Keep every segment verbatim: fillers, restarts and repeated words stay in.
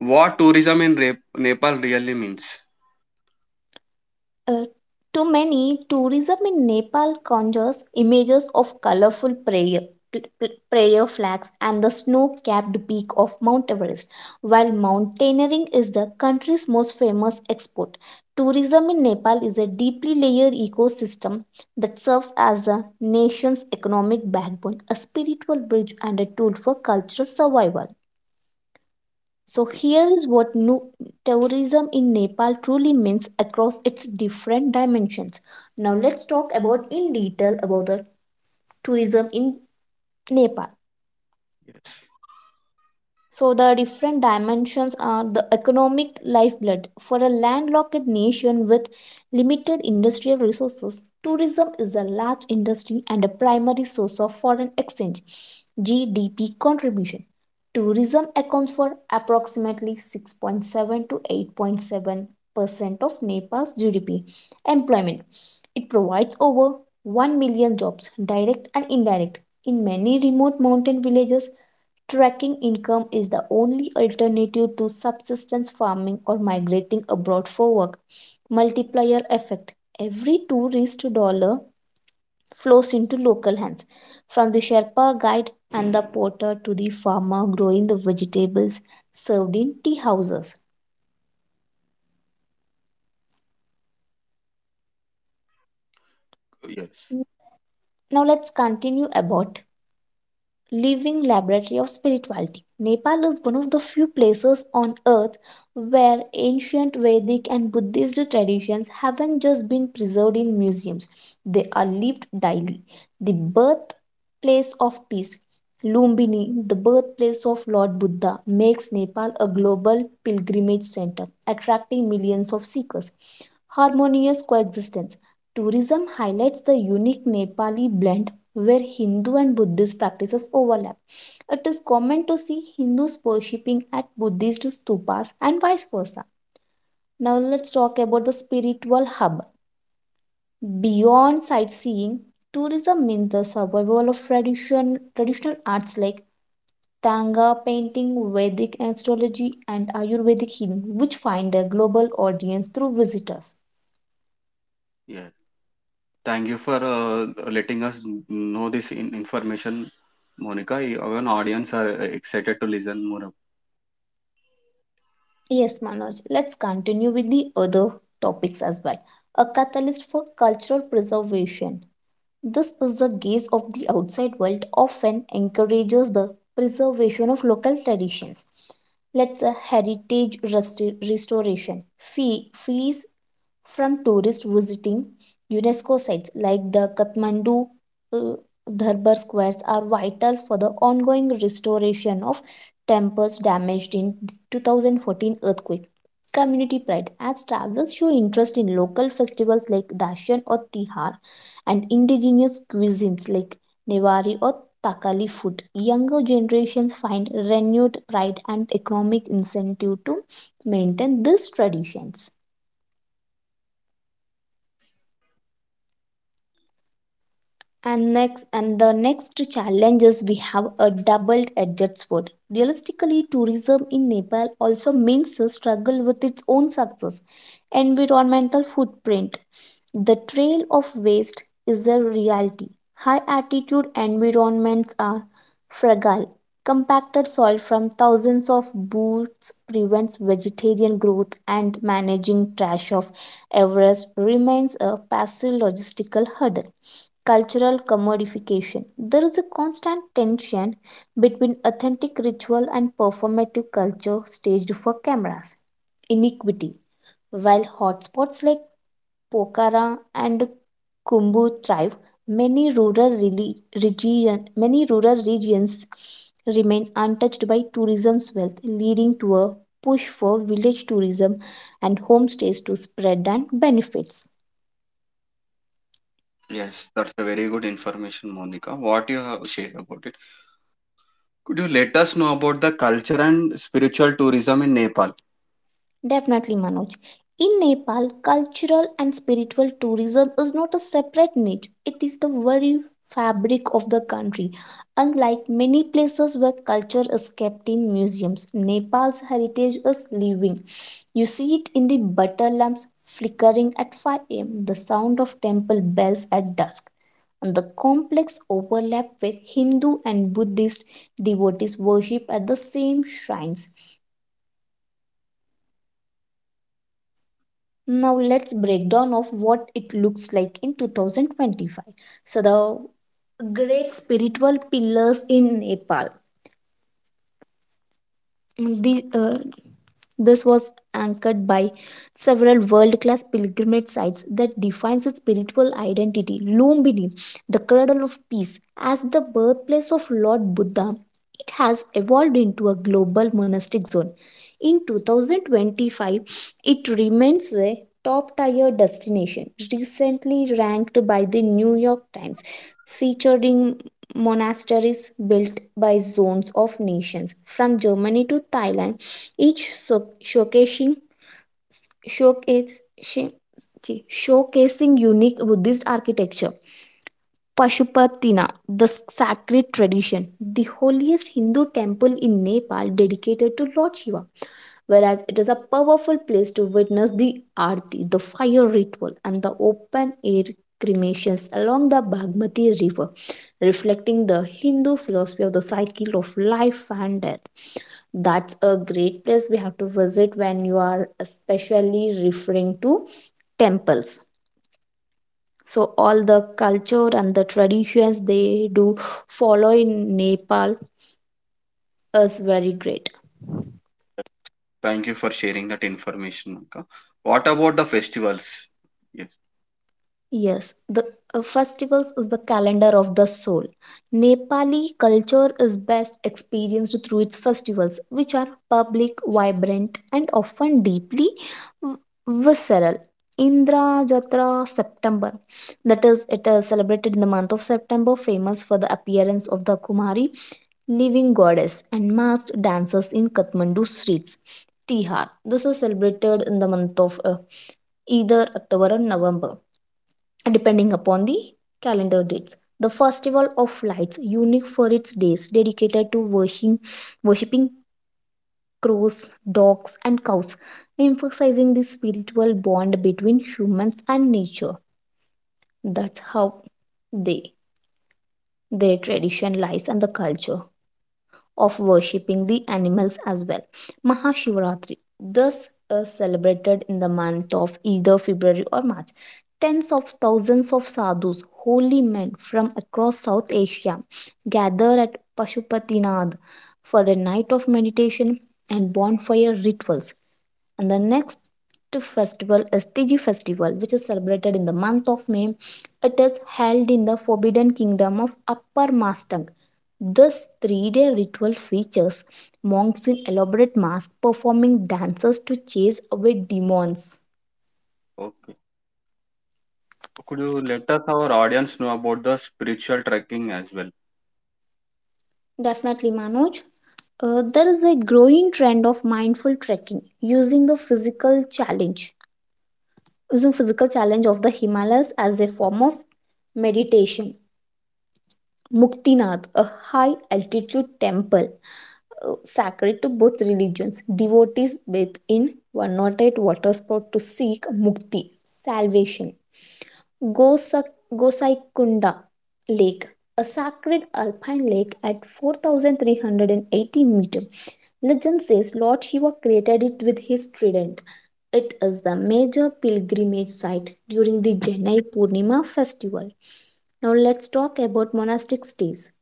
What tourism in Re- Nepal really means? Uh, to many, tourism in Nepal conjures images of colorful prayer, pl- pl- prayer flags and the snow capped peak of Mount Everest. While mountaineering is the country's most famous export, tourism in Nepal is a deeply layered ecosystem that serves as a nation's economic backbone, a spiritual bridge, and a tool for cultural survival. So Okay. here is what nu- tourism in Nepal truly means across its different dimensions. Now let's talk about in detail about the tourism in Nepal. Yes. So the different dimensions are the economic lifeblood for a landlocked nation with limited industrial resources. Tourism is a large industry and a primary source of foreign exchange G D P contribution. Tourism accounts for approximately six point seven to eight point seven percent of Nepal's G D P. Employment, it provides over one million jobs, direct and indirect, in many remote mountain villages. Tracking income is the only alternative to subsistence farming or migrating abroad for work. Multiplier effect. Every tourist dollar flows into local hands, from the Sherpa guide and the porter to the farmer growing the vegetables served in tea houses. Yes. Now let's continue about living laboratory of spirituality. Nepal is one of the few places on earth where ancient Vedic and Buddhist traditions haven't just been preserved in museums, they are lived daily. The birthplace of peace, Lumbini, the birthplace of Lord Buddha, makes Nepal a global pilgrimage center, attracting millions of seekers. Harmonious coexistence. Tourism highlights the unique Nepali blend where Hindu and Buddhist practices overlap. It is common to see Hindus worshipping at Buddhist stupas and vice versa. Now let's talk about the spiritual hub. Beyond sightseeing, tourism means the survival of tradition, traditional arts like Tanga painting, Vedic astrology, and Ayurvedic healing, which find a global audience through visitors. Yeah. Thank you for uh, letting us know this in- information, Monica. Our audience are excited to listen more. Yes, Manoj, let's continue with the other topics as well. A catalyst for cultural preservation. This is the gaze of the outside world often encourages the preservation of local traditions. Let's say heritage resti- restoration. Fee- fees from tourists visiting UNESCO sites like the Kathmandu uh, Darbar squares are vital for the ongoing restoration of temples damaged in the two thousand fourteen earthquake. Community pride. As travelers show interest in local festivals like Dashan or Tihar, and indigenous cuisines like Nevari or Takali food. Younger generations find renewed pride and economic incentive to maintain these traditions. And next, and the next challenge is we have a double-edged sword. Realistically, tourism in Nepal also means a struggle with its own success, environmental footprint. The trail of waste is a reality. High altitude environments are fragile. Compacted soil from thousands of boots prevents vegetarian growth, and managing trash of Everest remains a passive logistical hurdle, cultural commodification. There is a constant tension between authentic ritual and performative culture staged for cameras. Iniquity. While hotspots like Pokhara and Kumbu thrive, many rural, reli- region, many rural regions remain untouched by tourism's wealth, leading to a push for village tourism and homestays to spread and benefits. Yes, that's a very good information, Monica, what you have shared about it. Could you let us know about the culture and spiritual tourism in Nepal? Definitely, Manoj. In Nepal, cultural and spiritual tourism is not a separate niche, it is the very fabric of the country. Unlike many places where culture is kept in museums, Nepal's heritage is living. You see it in the butter lamps flickering at five a m, the sound of temple bells at dusk, and the complex overlap where Hindu and Buddhist devotees worship at the same shrines. Now let's break down of what it looks like in twenty twenty-five. So the great spiritual pillars in Nepal. The, uh, this was anchored by several world class pilgrimage sites that defines its spiritual identity. Lumbini, the cradle of peace, as the birthplace of Lord Buddha, it has evolved into a global monastic zone. In two thousand twenty-five, it remains a top tier destination, recently ranked by the New York Times, featuring monasteries built by zones of nations from Germany to Thailand, each so- showcasing showcasing showcasing unique Buddhist architecture. Pashupatina, the sacred tradition, the holiest Hindu temple in Nepal dedicated to Lord Shiva. Whereas it is a powerful place to witness the Aarti, the fire ritual, and the open air cremations along the Bagmati River, reflecting the Hindu philosophy of the cycle of life and death. That's a great place we have to visit when you are especially referring to temples, so all the culture and the traditions they do follow in Nepal is very great. Thank you for sharing that information, Monica. What about the festivals? Yes, Yes, the uh, festivals is the calendar of the soul. Nepali culture is best experienced through its festivals, which are public, vibrant, and often deeply v- visceral. Indra Jatra, September. That is, it is celebrated in the month of September, famous for the appearance of the Kumari, living goddess, and masked dancers in Kathmandu streets. Tihar. This is celebrated in the month of uh, either October or November, depending upon the calendar dates. The Festival of Lights, unique for its days, dedicated to worshiping, worshiping crows, dogs, and cows, emphasizing the spiritual bond between humans and nature. That's how they, their tradition lies and the culture of worshipping the animals as well. Mahashivaratri, thus is celebrated in the month of either February or March. Tens of thousands of sadhus, holy men from across South Asia, gather at Pashupatinad for a night of meditation and bonfire rituals. And the next festival is Tiji festival, which is celebrated in the month of May. It is held in the forbidden kingdom of Upper Mastang. This three-day ritual features monks in elaborate masks performing dances to chase away demons. okay. Could you let us, our audience, know about the spiritual trekking as well? Definitely, Manoj. Uh, there is a growing trend of mindful trekking using the physical challenge, using physical challenge of the Himalayas as a form of meditation. Muktinath, a high altitude temple uh, sacred to both religions. Devotees bathe in one hundred eight water spout to seek mukti, salvation. Gosak, Gosaikunda Lake, a sacred alpine lake at four thousand three hundred eighty meters. Legend says Lord Shiva created it with his trident. It is the major pilgrimage site during the Janai Purnima festival. Now let's talk about monastic stays.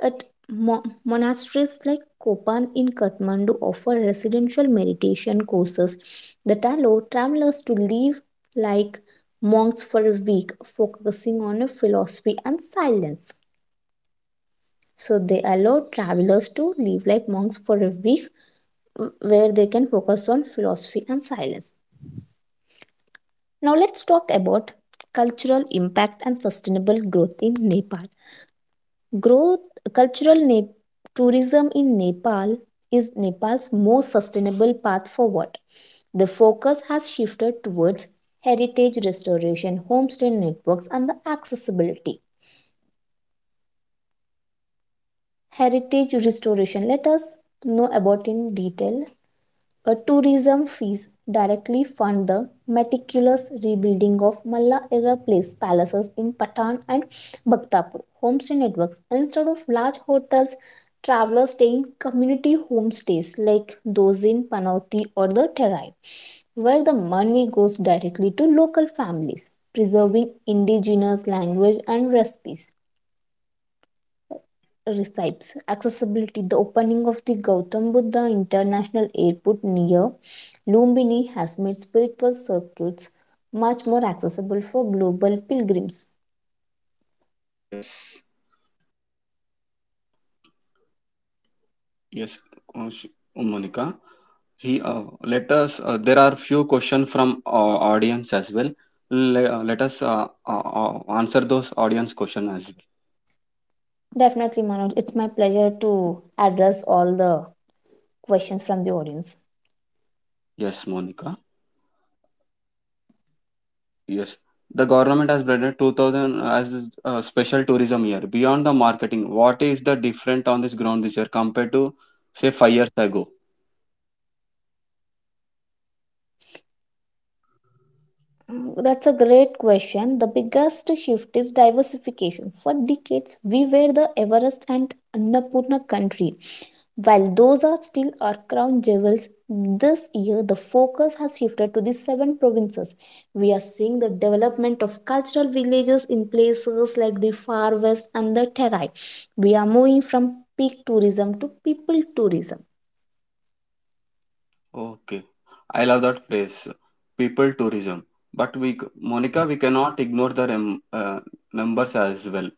At mo- monasteries like Kopan in Kathmandu offer residential meditation courses that allow travelers to live like monks for a week, focusing on a philosophy and silence. So they allow travelers to live like monks for a week, where they can focus on philosophy and silence. Now, let's talk about cultural impact and sustainable growth in Nepal. Growth, cultural ne- tourism in Nepal is Nepal's most sustainable path forward. The focus has shifted towards heritage restoration, homestay networks, and the accessibility. Heritage restoration, let us know about in detail. A tourism fees directly fund the meticulous rebuilding of Malla-era place palaces in Patan and Bhaktapur. Homestay networks. Instead of large hotels, travelers stay in community homestays like those in Panauti or the Terai, where the money goes directly to local families, preserving indigenous language and recipes recipes. Accessibility. The opening of the Gautam Buddha International Airport near Lumbini has made spiritual circuits much more accessible for global pilgrims. Yes, yes, uh, sh- uh, Monica. He uh, Let us. Uh, there are few questions from uh, audience as well. Let, let us uh, uh, uh, answer those audience question as well. Definitely, Manoj, it's my pleasure to address all the questions from the audience. Yes, Monica. Yes, the government has branded twenty hundred as a special tourism year. Beyond the marketing, what is the different on this ground this year compared to say five years ago? Mm, that's a great question. The biggest shift is diversification. For decades, we were the Everest and Annapurna country. While those are still our crown jewels, this year the focus has shifted to the seven provinces. We are seeing the development of cultural villages in places like the Far West and the Terai. We are moving from peak tourism to people tourism. Okay, I love that phrase, people tourism. But we, c- Monica, we cannot ignore the rem, uh, numbers as well.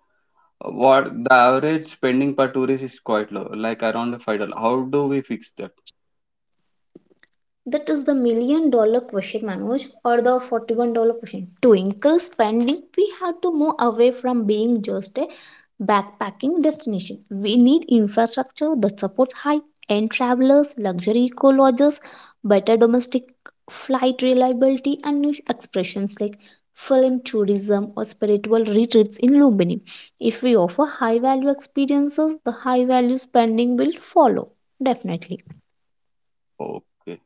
What the average spending per tourist is quite low, like around five dollars. How do we fix that? That is the million dollar question, Manoj, or the forty-one dollar question. To increase spending, we have to move away from being just a backpacking destination. We need infrastructure that supports high end travelers, luxury eco lodges, better domestic flight reliability, and niche expressions like film tourism or spiritual retreats in Lumbini. If we offer high value experiences, the high value spending will follow, definitely. Okay,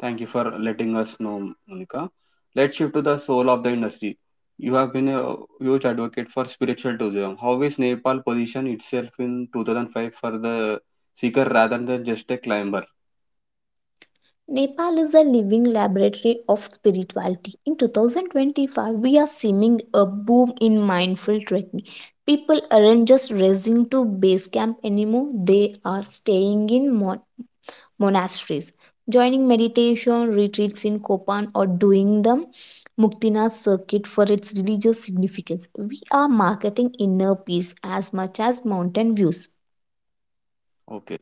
thank you for letting us know, Monica. Let's shift to the soul of the industry. You have been a huge advocate for spiritual tourism. How is Nepal position itself in twenty oh five for the seeker rather than just a climber? Nepal is a living laboratory of spirituality. In twenty twenty-five, we are seeing a boom in mindful trekking. People aren't just racing to base camp anymore, they are staying in mon- monasteries, joining meditation retreats in Kopan, or doing the Muktinath circuit for its religious significance. We are marketing inner peace as much as mountain views. Okay.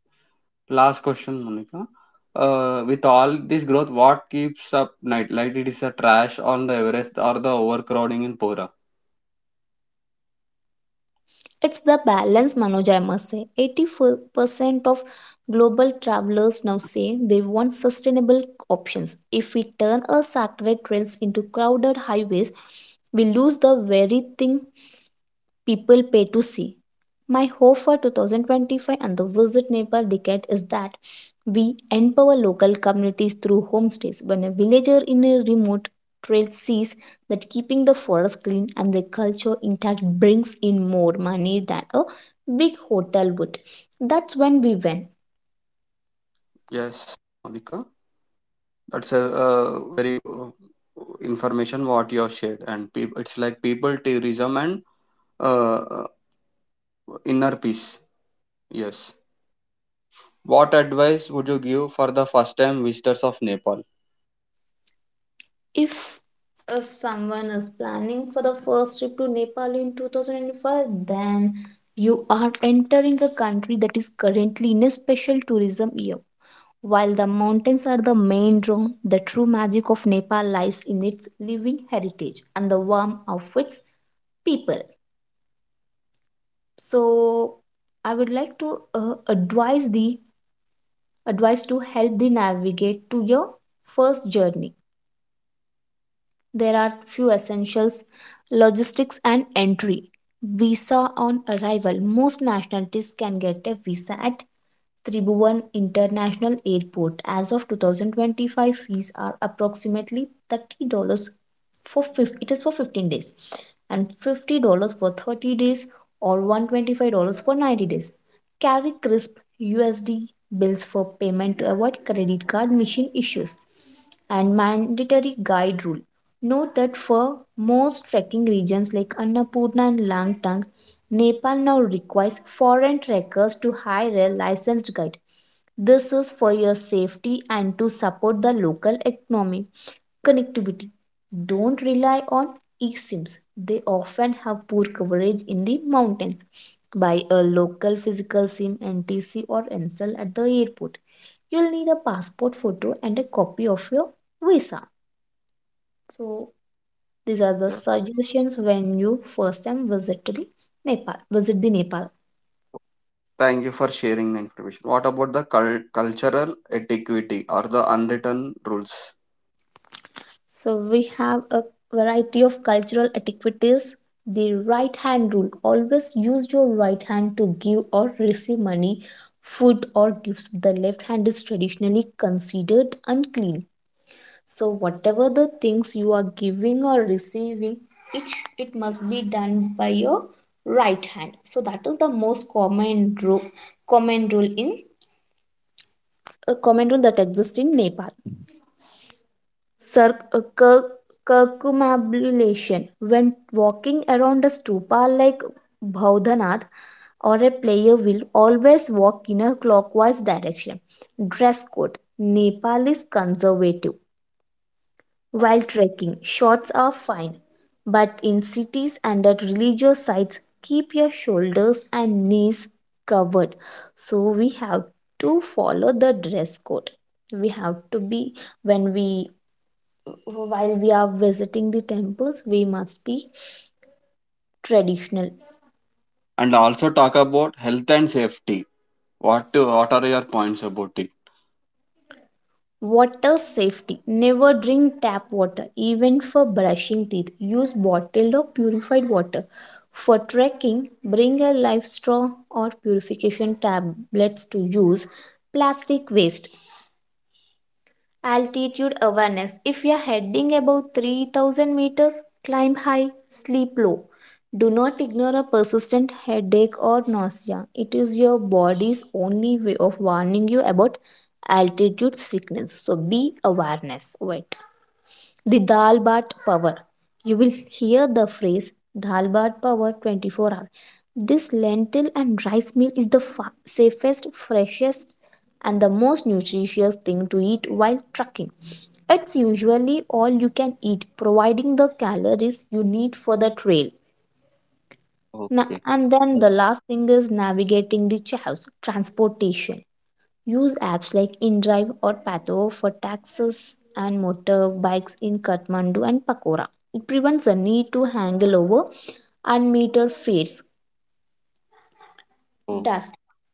Last question, Monica. Uh, with all this growth, what keeps up night? Like it is a trash on the Everest or the overcrowding in Pora? It's the balance, Manoj, I must say. eighty-four percent of global travelers now say they want sustainable options. If we turn our sacred trails into crowded highways, we lose the very thing people pay to see. My hope for two thousand twenty-five and the Visit Nepal decade is that we empower local communities through homestays. When a villager in a remote trail sees that keeping the forest clean and the culture intact brings in more money than a big hotel would, that's when we win. Yes, Monica. That's a uh, very good information what you have shared, and peop it's like people tourism and uh, uh, inner peace. Yes. What advice would you give for the first time visitors of Nepal? if if someone is planning for the first trip to Nepal in two thousand twenty-five, then you are entering a country that is currently in a special tourism year. While the mountains are the main draw, the true magic of Nepal lies in its living heritage and the warmth of its people. So, I would like to uh, advise the advise to help the navigate to your first journey. There are few essentials, logistics and entry. Visa on arrival. Most nationalities can get a visa at Tribhuvan International Airport. As of twenty twenty-five, fees are approximately thirty dollars for fifty, it is for fifteen days, and fifty dollars for thirty days, or one hundred twenty-five dollars for ninety days. Carry crisp U S D bills for payment to avoid credit card machine issues and mandatory guide rule. Note that for most trekking regions like Annapurna and Langtang, Nepal now requires foreign trekkers to hire a licensed guide. This is for your safety and to support the local economy. Connectivity. Don't rely on eSIMs. They often have poor coverage in the mountains. Buy a local physical SIM, N T C or N S L, at the airport. You'll need a passport photo and a copy of your visa. So these are the Yeah. suggestions when you first time visit to the Nepal. Visit the Nepal. Thank you for sharing the information. What about the cul- cultural etiquette or the unwritten rules? So we have a variety of cultural etiquettes. The right hand rule. Always use your right hand to give or receive money, food or gifts. The left hand is traditionally considered unclean. So whatever the things you are giving or receiving, it it must be done by your right hand. So that is the most common rule common rule in a common rule that exists in Nepal. Cir- uh, cir- Circumambulation. When walking around a stupa like Bhaudanath or a player, will always walk in a clockwise direction. Dress code. Nepal is conservative. While trekking, shorts are fine, but in cities and at religious sites, keep your shoulders and knees covered. So we have to follow the dress code. We have to be when we While we are visiting the temples, we must be traditional. And also talk about health and safety. What to, what are your points about it? Water safety. Never drink tap water, even for brushing teeth. Use bottled or purified water. For trekking, bring a life straw or purification tablets to use. Plastic waste. Altitude awareness. If you are heading above three thousand meters, climb high, sleep low. Do not ignore a persistent headache or nausea. It is your body's only way of warning you about altitude sickness. So be awareness. Wait. The Dal Bat Power. You will hear the phrase Dal Bat Power twenty-four hour. This lentil and rice meal is the fa- safest, freshest, and the most nutritious thing to eat while trucking. It's usually all you can eat, providing the calories you need for the trail. Na- Okay. And then that- the last thing is navigating the chaos, transportation. Use apps like InDrive or Patho for taxis and motorbikes in Kathmandu and Pakora. It prevents the need to haggle over unmetered fares. Oh, Dust.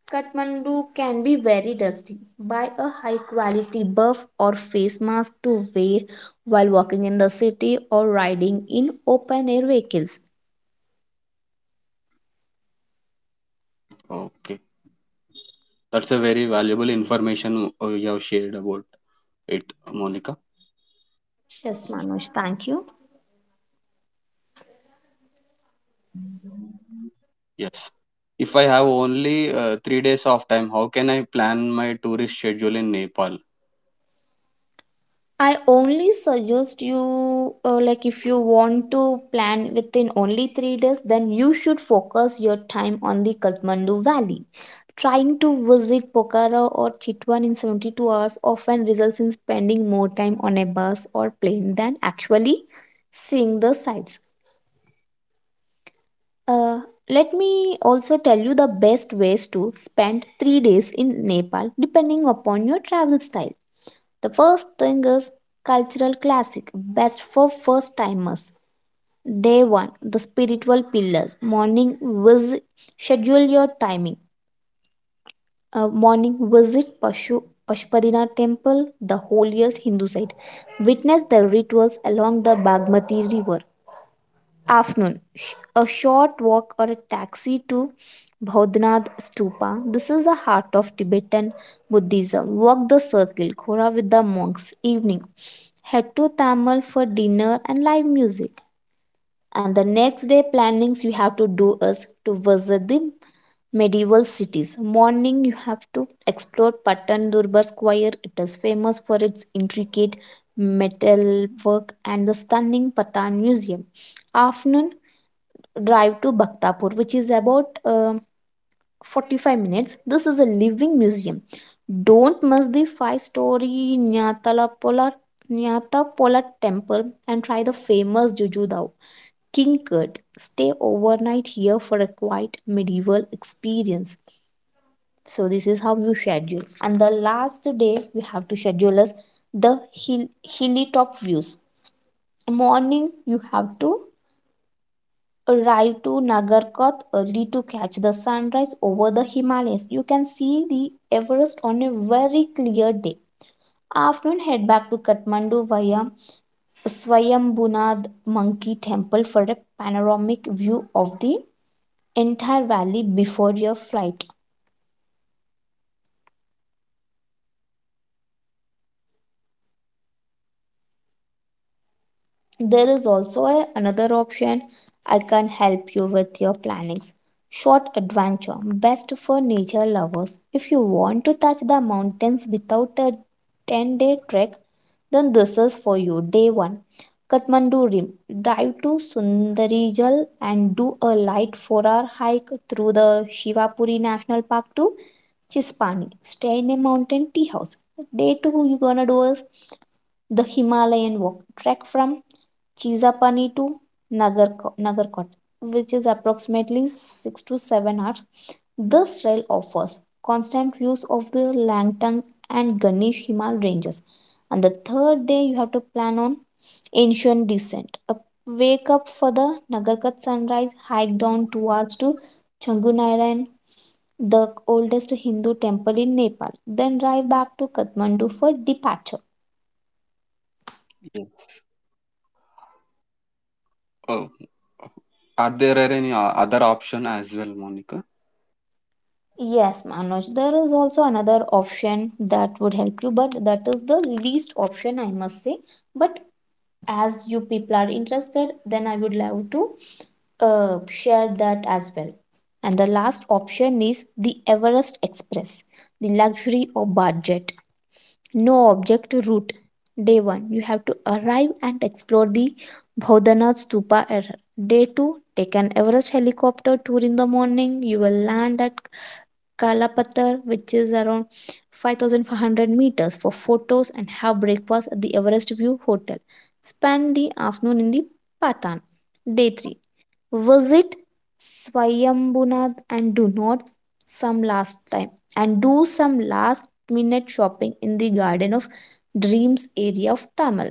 Kathmandu can be very dusty. Buy a high quality buff or face mask to wear while walking in the city or riding in open air vehicles. okay. That's a very valuable information uh, you have shared about it, Monica. Yes, Manoj, thank you. Yes. If I have only uh, three days of time, how can I plan my tourist schedule in Nepal? I only suggest you, uh, like, if you want to plan within only three days, then you should focus your time on the Kathmandu Valley. Trying to visit Pokhara or Chitwan in seventy-two hours often results in spending more time on a bus or plane than actually seeing the sights. Uh, Let me also tell you the best ways to spend three days in Nepal depending upon your travel style. The first thing is cultural classic, best for first timers. Day one, the spiritual pillars. Morning visit, schedule your timing. Uh, morning visit Pashu, Pashupadina temple, the holiest Hindu site. Witness the rituals along the Bagmati river. Afternoon. Sh- A short walk or a taxi to Bhaudnath Stupa. This is the heart of Tibetan Buddhism. Walk the circle, Khora, with the monks. Evening. Head to Tamil for dinner and live music. And the next day plannings you have to do is to visit the medieval cities. Morning, you have to explore Patan Durbar Square. It is famous for its intricate metalwork and the stunning Patan Museum. Afternoon, drive to Bhaktapur, which is about um forty-five minutes. This is a living museum. Don't miss the five story Nyatalapola, Nyatapola temple, and try the famous Jujudao King Kurt. Stay overnight here for a quiet medieval experience. So, this is how you schedule. And the last day we have to schedule is the hill, hilly top views. Morning, you have to arrived to Nagarkoth early to catch the sunrise over the Himalayas. You can see the Everest on a very clear day. Afternoon, head back to Kathmandu via Swayambunad Monkey Temple for a panoramic view of the entire valley before your flight. There is also a- another option. I can help you with your plannings. Short adventure, best for nature lovers. If you want to touch the mountains without a ten day trek, then this is for you. Day one, Kathmandu Rim. Drive to Sundarijal and do a light four hour hike through the Shivapuri National Park to Chispani. Stay in a mountain tea house. Day two, you're gonna do is the Himalayan walk. Trek from Chizapani to Nagarko- Nagarkot, which is approximately six to seven hours. This trail offers constant views of the Langtang and Ganesh Himal ranges. And the third day, you have to plan on ancient descent. Up- wake up for the Nagarkat sunrise, hike down towards hours to Changunairan, the oldest Hindu temple in Nepal, then drive back to Kathmandu for departure. Yeah. Oh, are there any o- other option as well, Monica? Yes, Manoj, there is also another option that would help you, but that is the least option, I must say. But as you people are interested, then I would love to uh, share that as well. And the last option is the Everest Express, the luxury or budget, no object route. Day one, you have to arrive and explore the Bhodanath Stupa. er- Day two, take an Everest helicopter tour in the morning. You will land at Kalapatar, which is around five thousand five hundred meters, for photos and have breakfast at the Everest View Hotel. Spend the afternoon in the Patan. Day three. Visit Swayambhunath, and do not some last time and do some last minute shopping in the Garden of Dreams area of Tamil.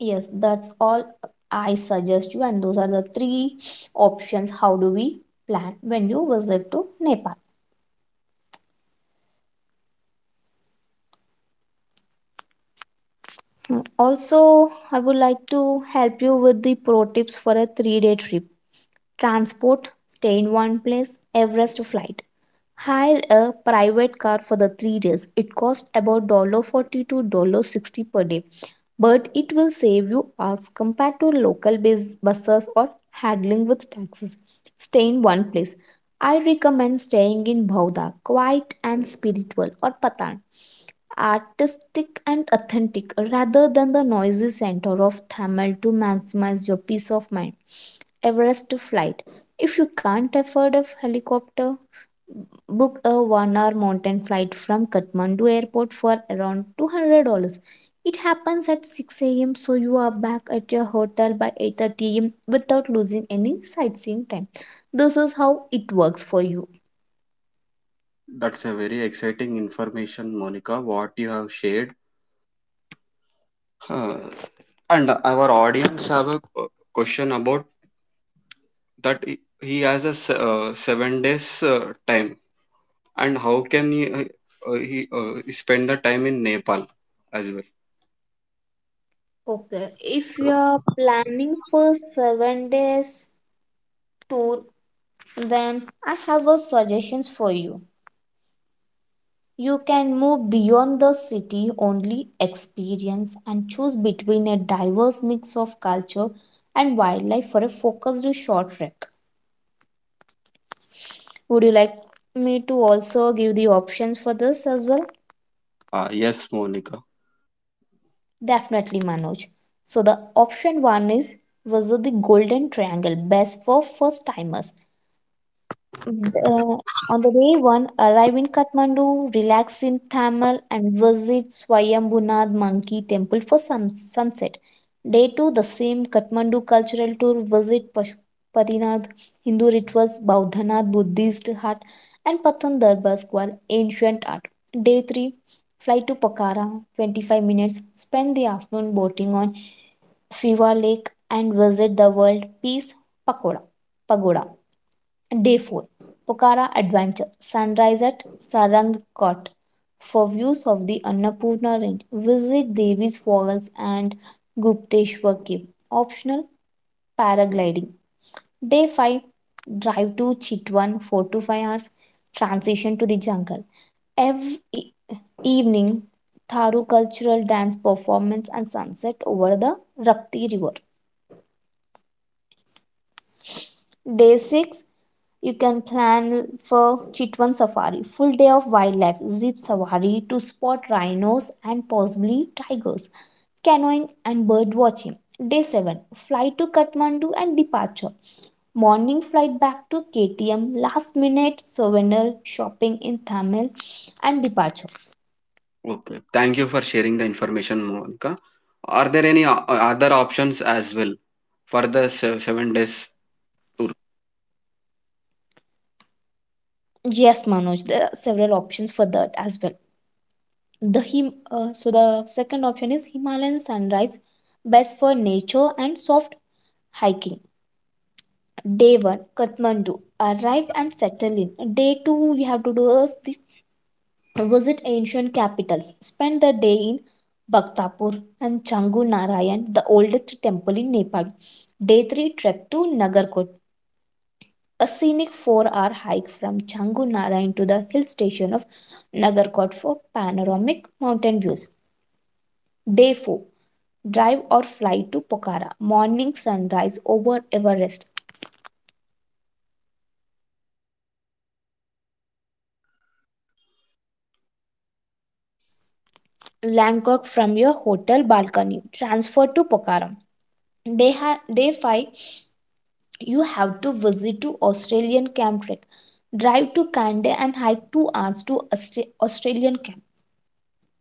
Yes, that's all I suggest you, and those are the three options how do we plan when you visit to Nepal. Also, I would like to help you with the pro tips for a three day trip: transport, stay in one place, Everest flight. Hire a private car for the three days. It costs about forty dollars to dollar sixty per day, but it will save you hours compared to local bus- buses or haggling with taxis. Stay in one place. I recommend staying in Bhavda, quiet and spiritual, or Patan, artistic and authentic, rather than the noisy center of Thamel, to maximize your peace of mind. Everest flight. If you can't afford a helicopter, book a one hour mountain flight from Kathmandu airport for around two hundred dollars. It happens at six a m, so you are back at your hotel by eight thirty a m without losing any sightseeing time. This is how it works for you. That's a very exciting information, Monica, what you have shared. Uh, and our audience have a q- question about that. He he has a s- uh, seven days uh, time, and how can he uh, uh, he uh, spend the time in Nepal as well? Okay, if you are planning for seven days tour, then I have a suggestions for you. You can move beyond the city only experience and choose between a diverse mix of culture and wildlife for a focused short trek. Would you like me to also give the options for this as well? Uh, yes, Monica. Definitely, Manoj. So the option one is visit the Golden Triangle, best for first timers. The- uh, on the day one, arrive in Kathmandu, relax in Thamel, and visit Swayambunad Monkey Temple for sun- sunset. Day two, the same Kathmandu cultural tour, visit Pashupatinath Hindu rituals, Baudhanath Buddhist hut, and Patan Darbar Square, ancient art. Day three, fly to Pokhara, twenty-five minutes, spend the afternoon boating on Fiwa Lake, and visit the World Peace Pakoda, Pagoda. Day four, Pokhara Adventure, Sunrise at Sarangkot. For views of the Annapurna range, visit Devi's Falls and Gupteshwar Cave. Optional paragliding. Day five, Drive to Chitwan, four to five hours. Transition to the jungle. Every e- Evening, Tharu cultural dance performance and sunset over the Rapti River. Day six, you can plan for Chitwan Safari, full day of wildlife, zip safari to spot rhinos and possibly tigers, canoeing and bird watching. Day seven, flight to Kathmandu and departure. Morning flight back to K T M, last minute souvenir shopping in Tamil and departure. Okay. Thank you for sharing the information, Monica. Are there any o- other options as well for the se- seven days tour? Yes, Manoj, there are several options for that as well. The him uh, so the second option is Himalayan sunrise, best for nature and soft hiking. Day one, Kathmandu, arrive and settle in. Day two, we have to do a sleep- visit ancient capitals, spend the day in bhaktapur and changu narayan, the oldest temple in nepal. Day three, trek to nagarkot, a scenic four hour hike from changu narayan to the hill station of nagarkot for panoramic mountain views. Day four, drive or fly to pokhara, morning sunrise over everest Langkok from your hotel balcony. Transfer to Pokhara. Day, ha- day five, you have to visit to Australian Camp Trek. Drive to Kande and hike two hours to Austra- Australian Camp.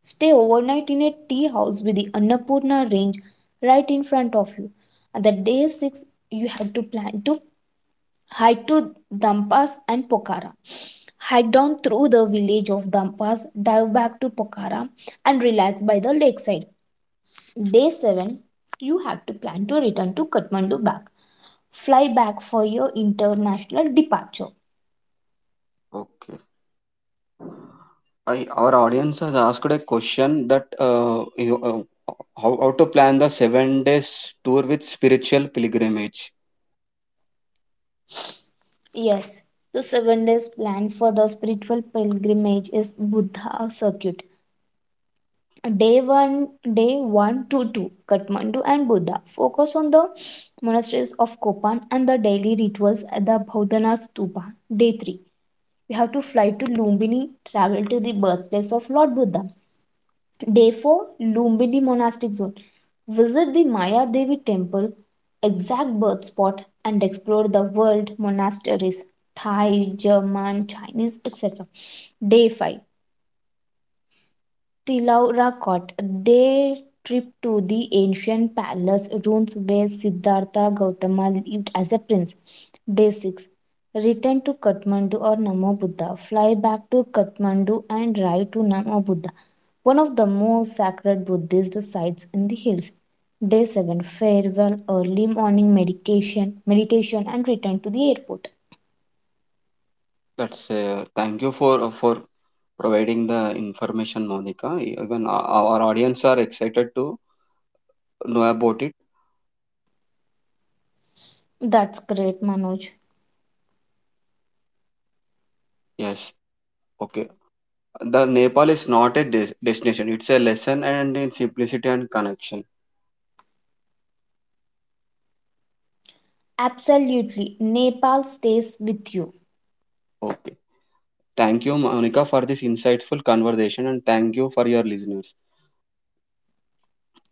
Stay overnight in a tea house with the Annapurna Range right in front of you. At the day six, you have to plan to hike to Dampas and Pokhara. Hike down through the village of Dampas, dive back to Pokhara, and relax by the lakeside. Day seven, you have to plan to return to Kathmandu back. Fly back for your international departure. Okay. I, our audience has asked a question that uh, you, uh, how, how to plan the seven days tour with spiritual pilgrimage. Yes, the seven days plan for the spiritual pilgrimage is Buddha circuit. Day one, day one to two, Kathmandu and Buddha. Focus on the monasteries of Kopan and the daily rituals at the Baudhana Stupa. Day three, we have to fly to Lumbini, travel to the birthplace of Lord Buddha. Therefore, Lumbini monastic zone. Visit the Maya Devi temple, exact birth spot, and explore the world monasteries: Thai, German, Chinese, et cetera. Day five, the Laura Cot, their trip to the ancient palace ruins where Siddhartha Gautama lived as a prince. Day six. Return to Kathmandu or Namo Buddha. Fly back to Kathmandu and ride to Namo Buddha, one of the most sacred Buddhist sites in the hills. Day seven. Farewell, early morning medication, meditation and return to the airport. That's uh, thank you for for providing the information, Monica. Even our, our audience are excited to know about it. That's great, Manoj. Yes. Okay. The Nepal is not a des- destination, it's a lesson and in simplicity and connection. Absolutely. Nepal stays with you. Okay. Thank you, Monica, for this insightful conversation, and thank you for your listeners.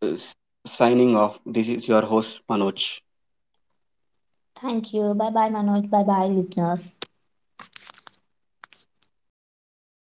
Uh, s- Signing off, this is your host, Manoj. Thank you. Bye bye, Manoj. Bye bye, listeners.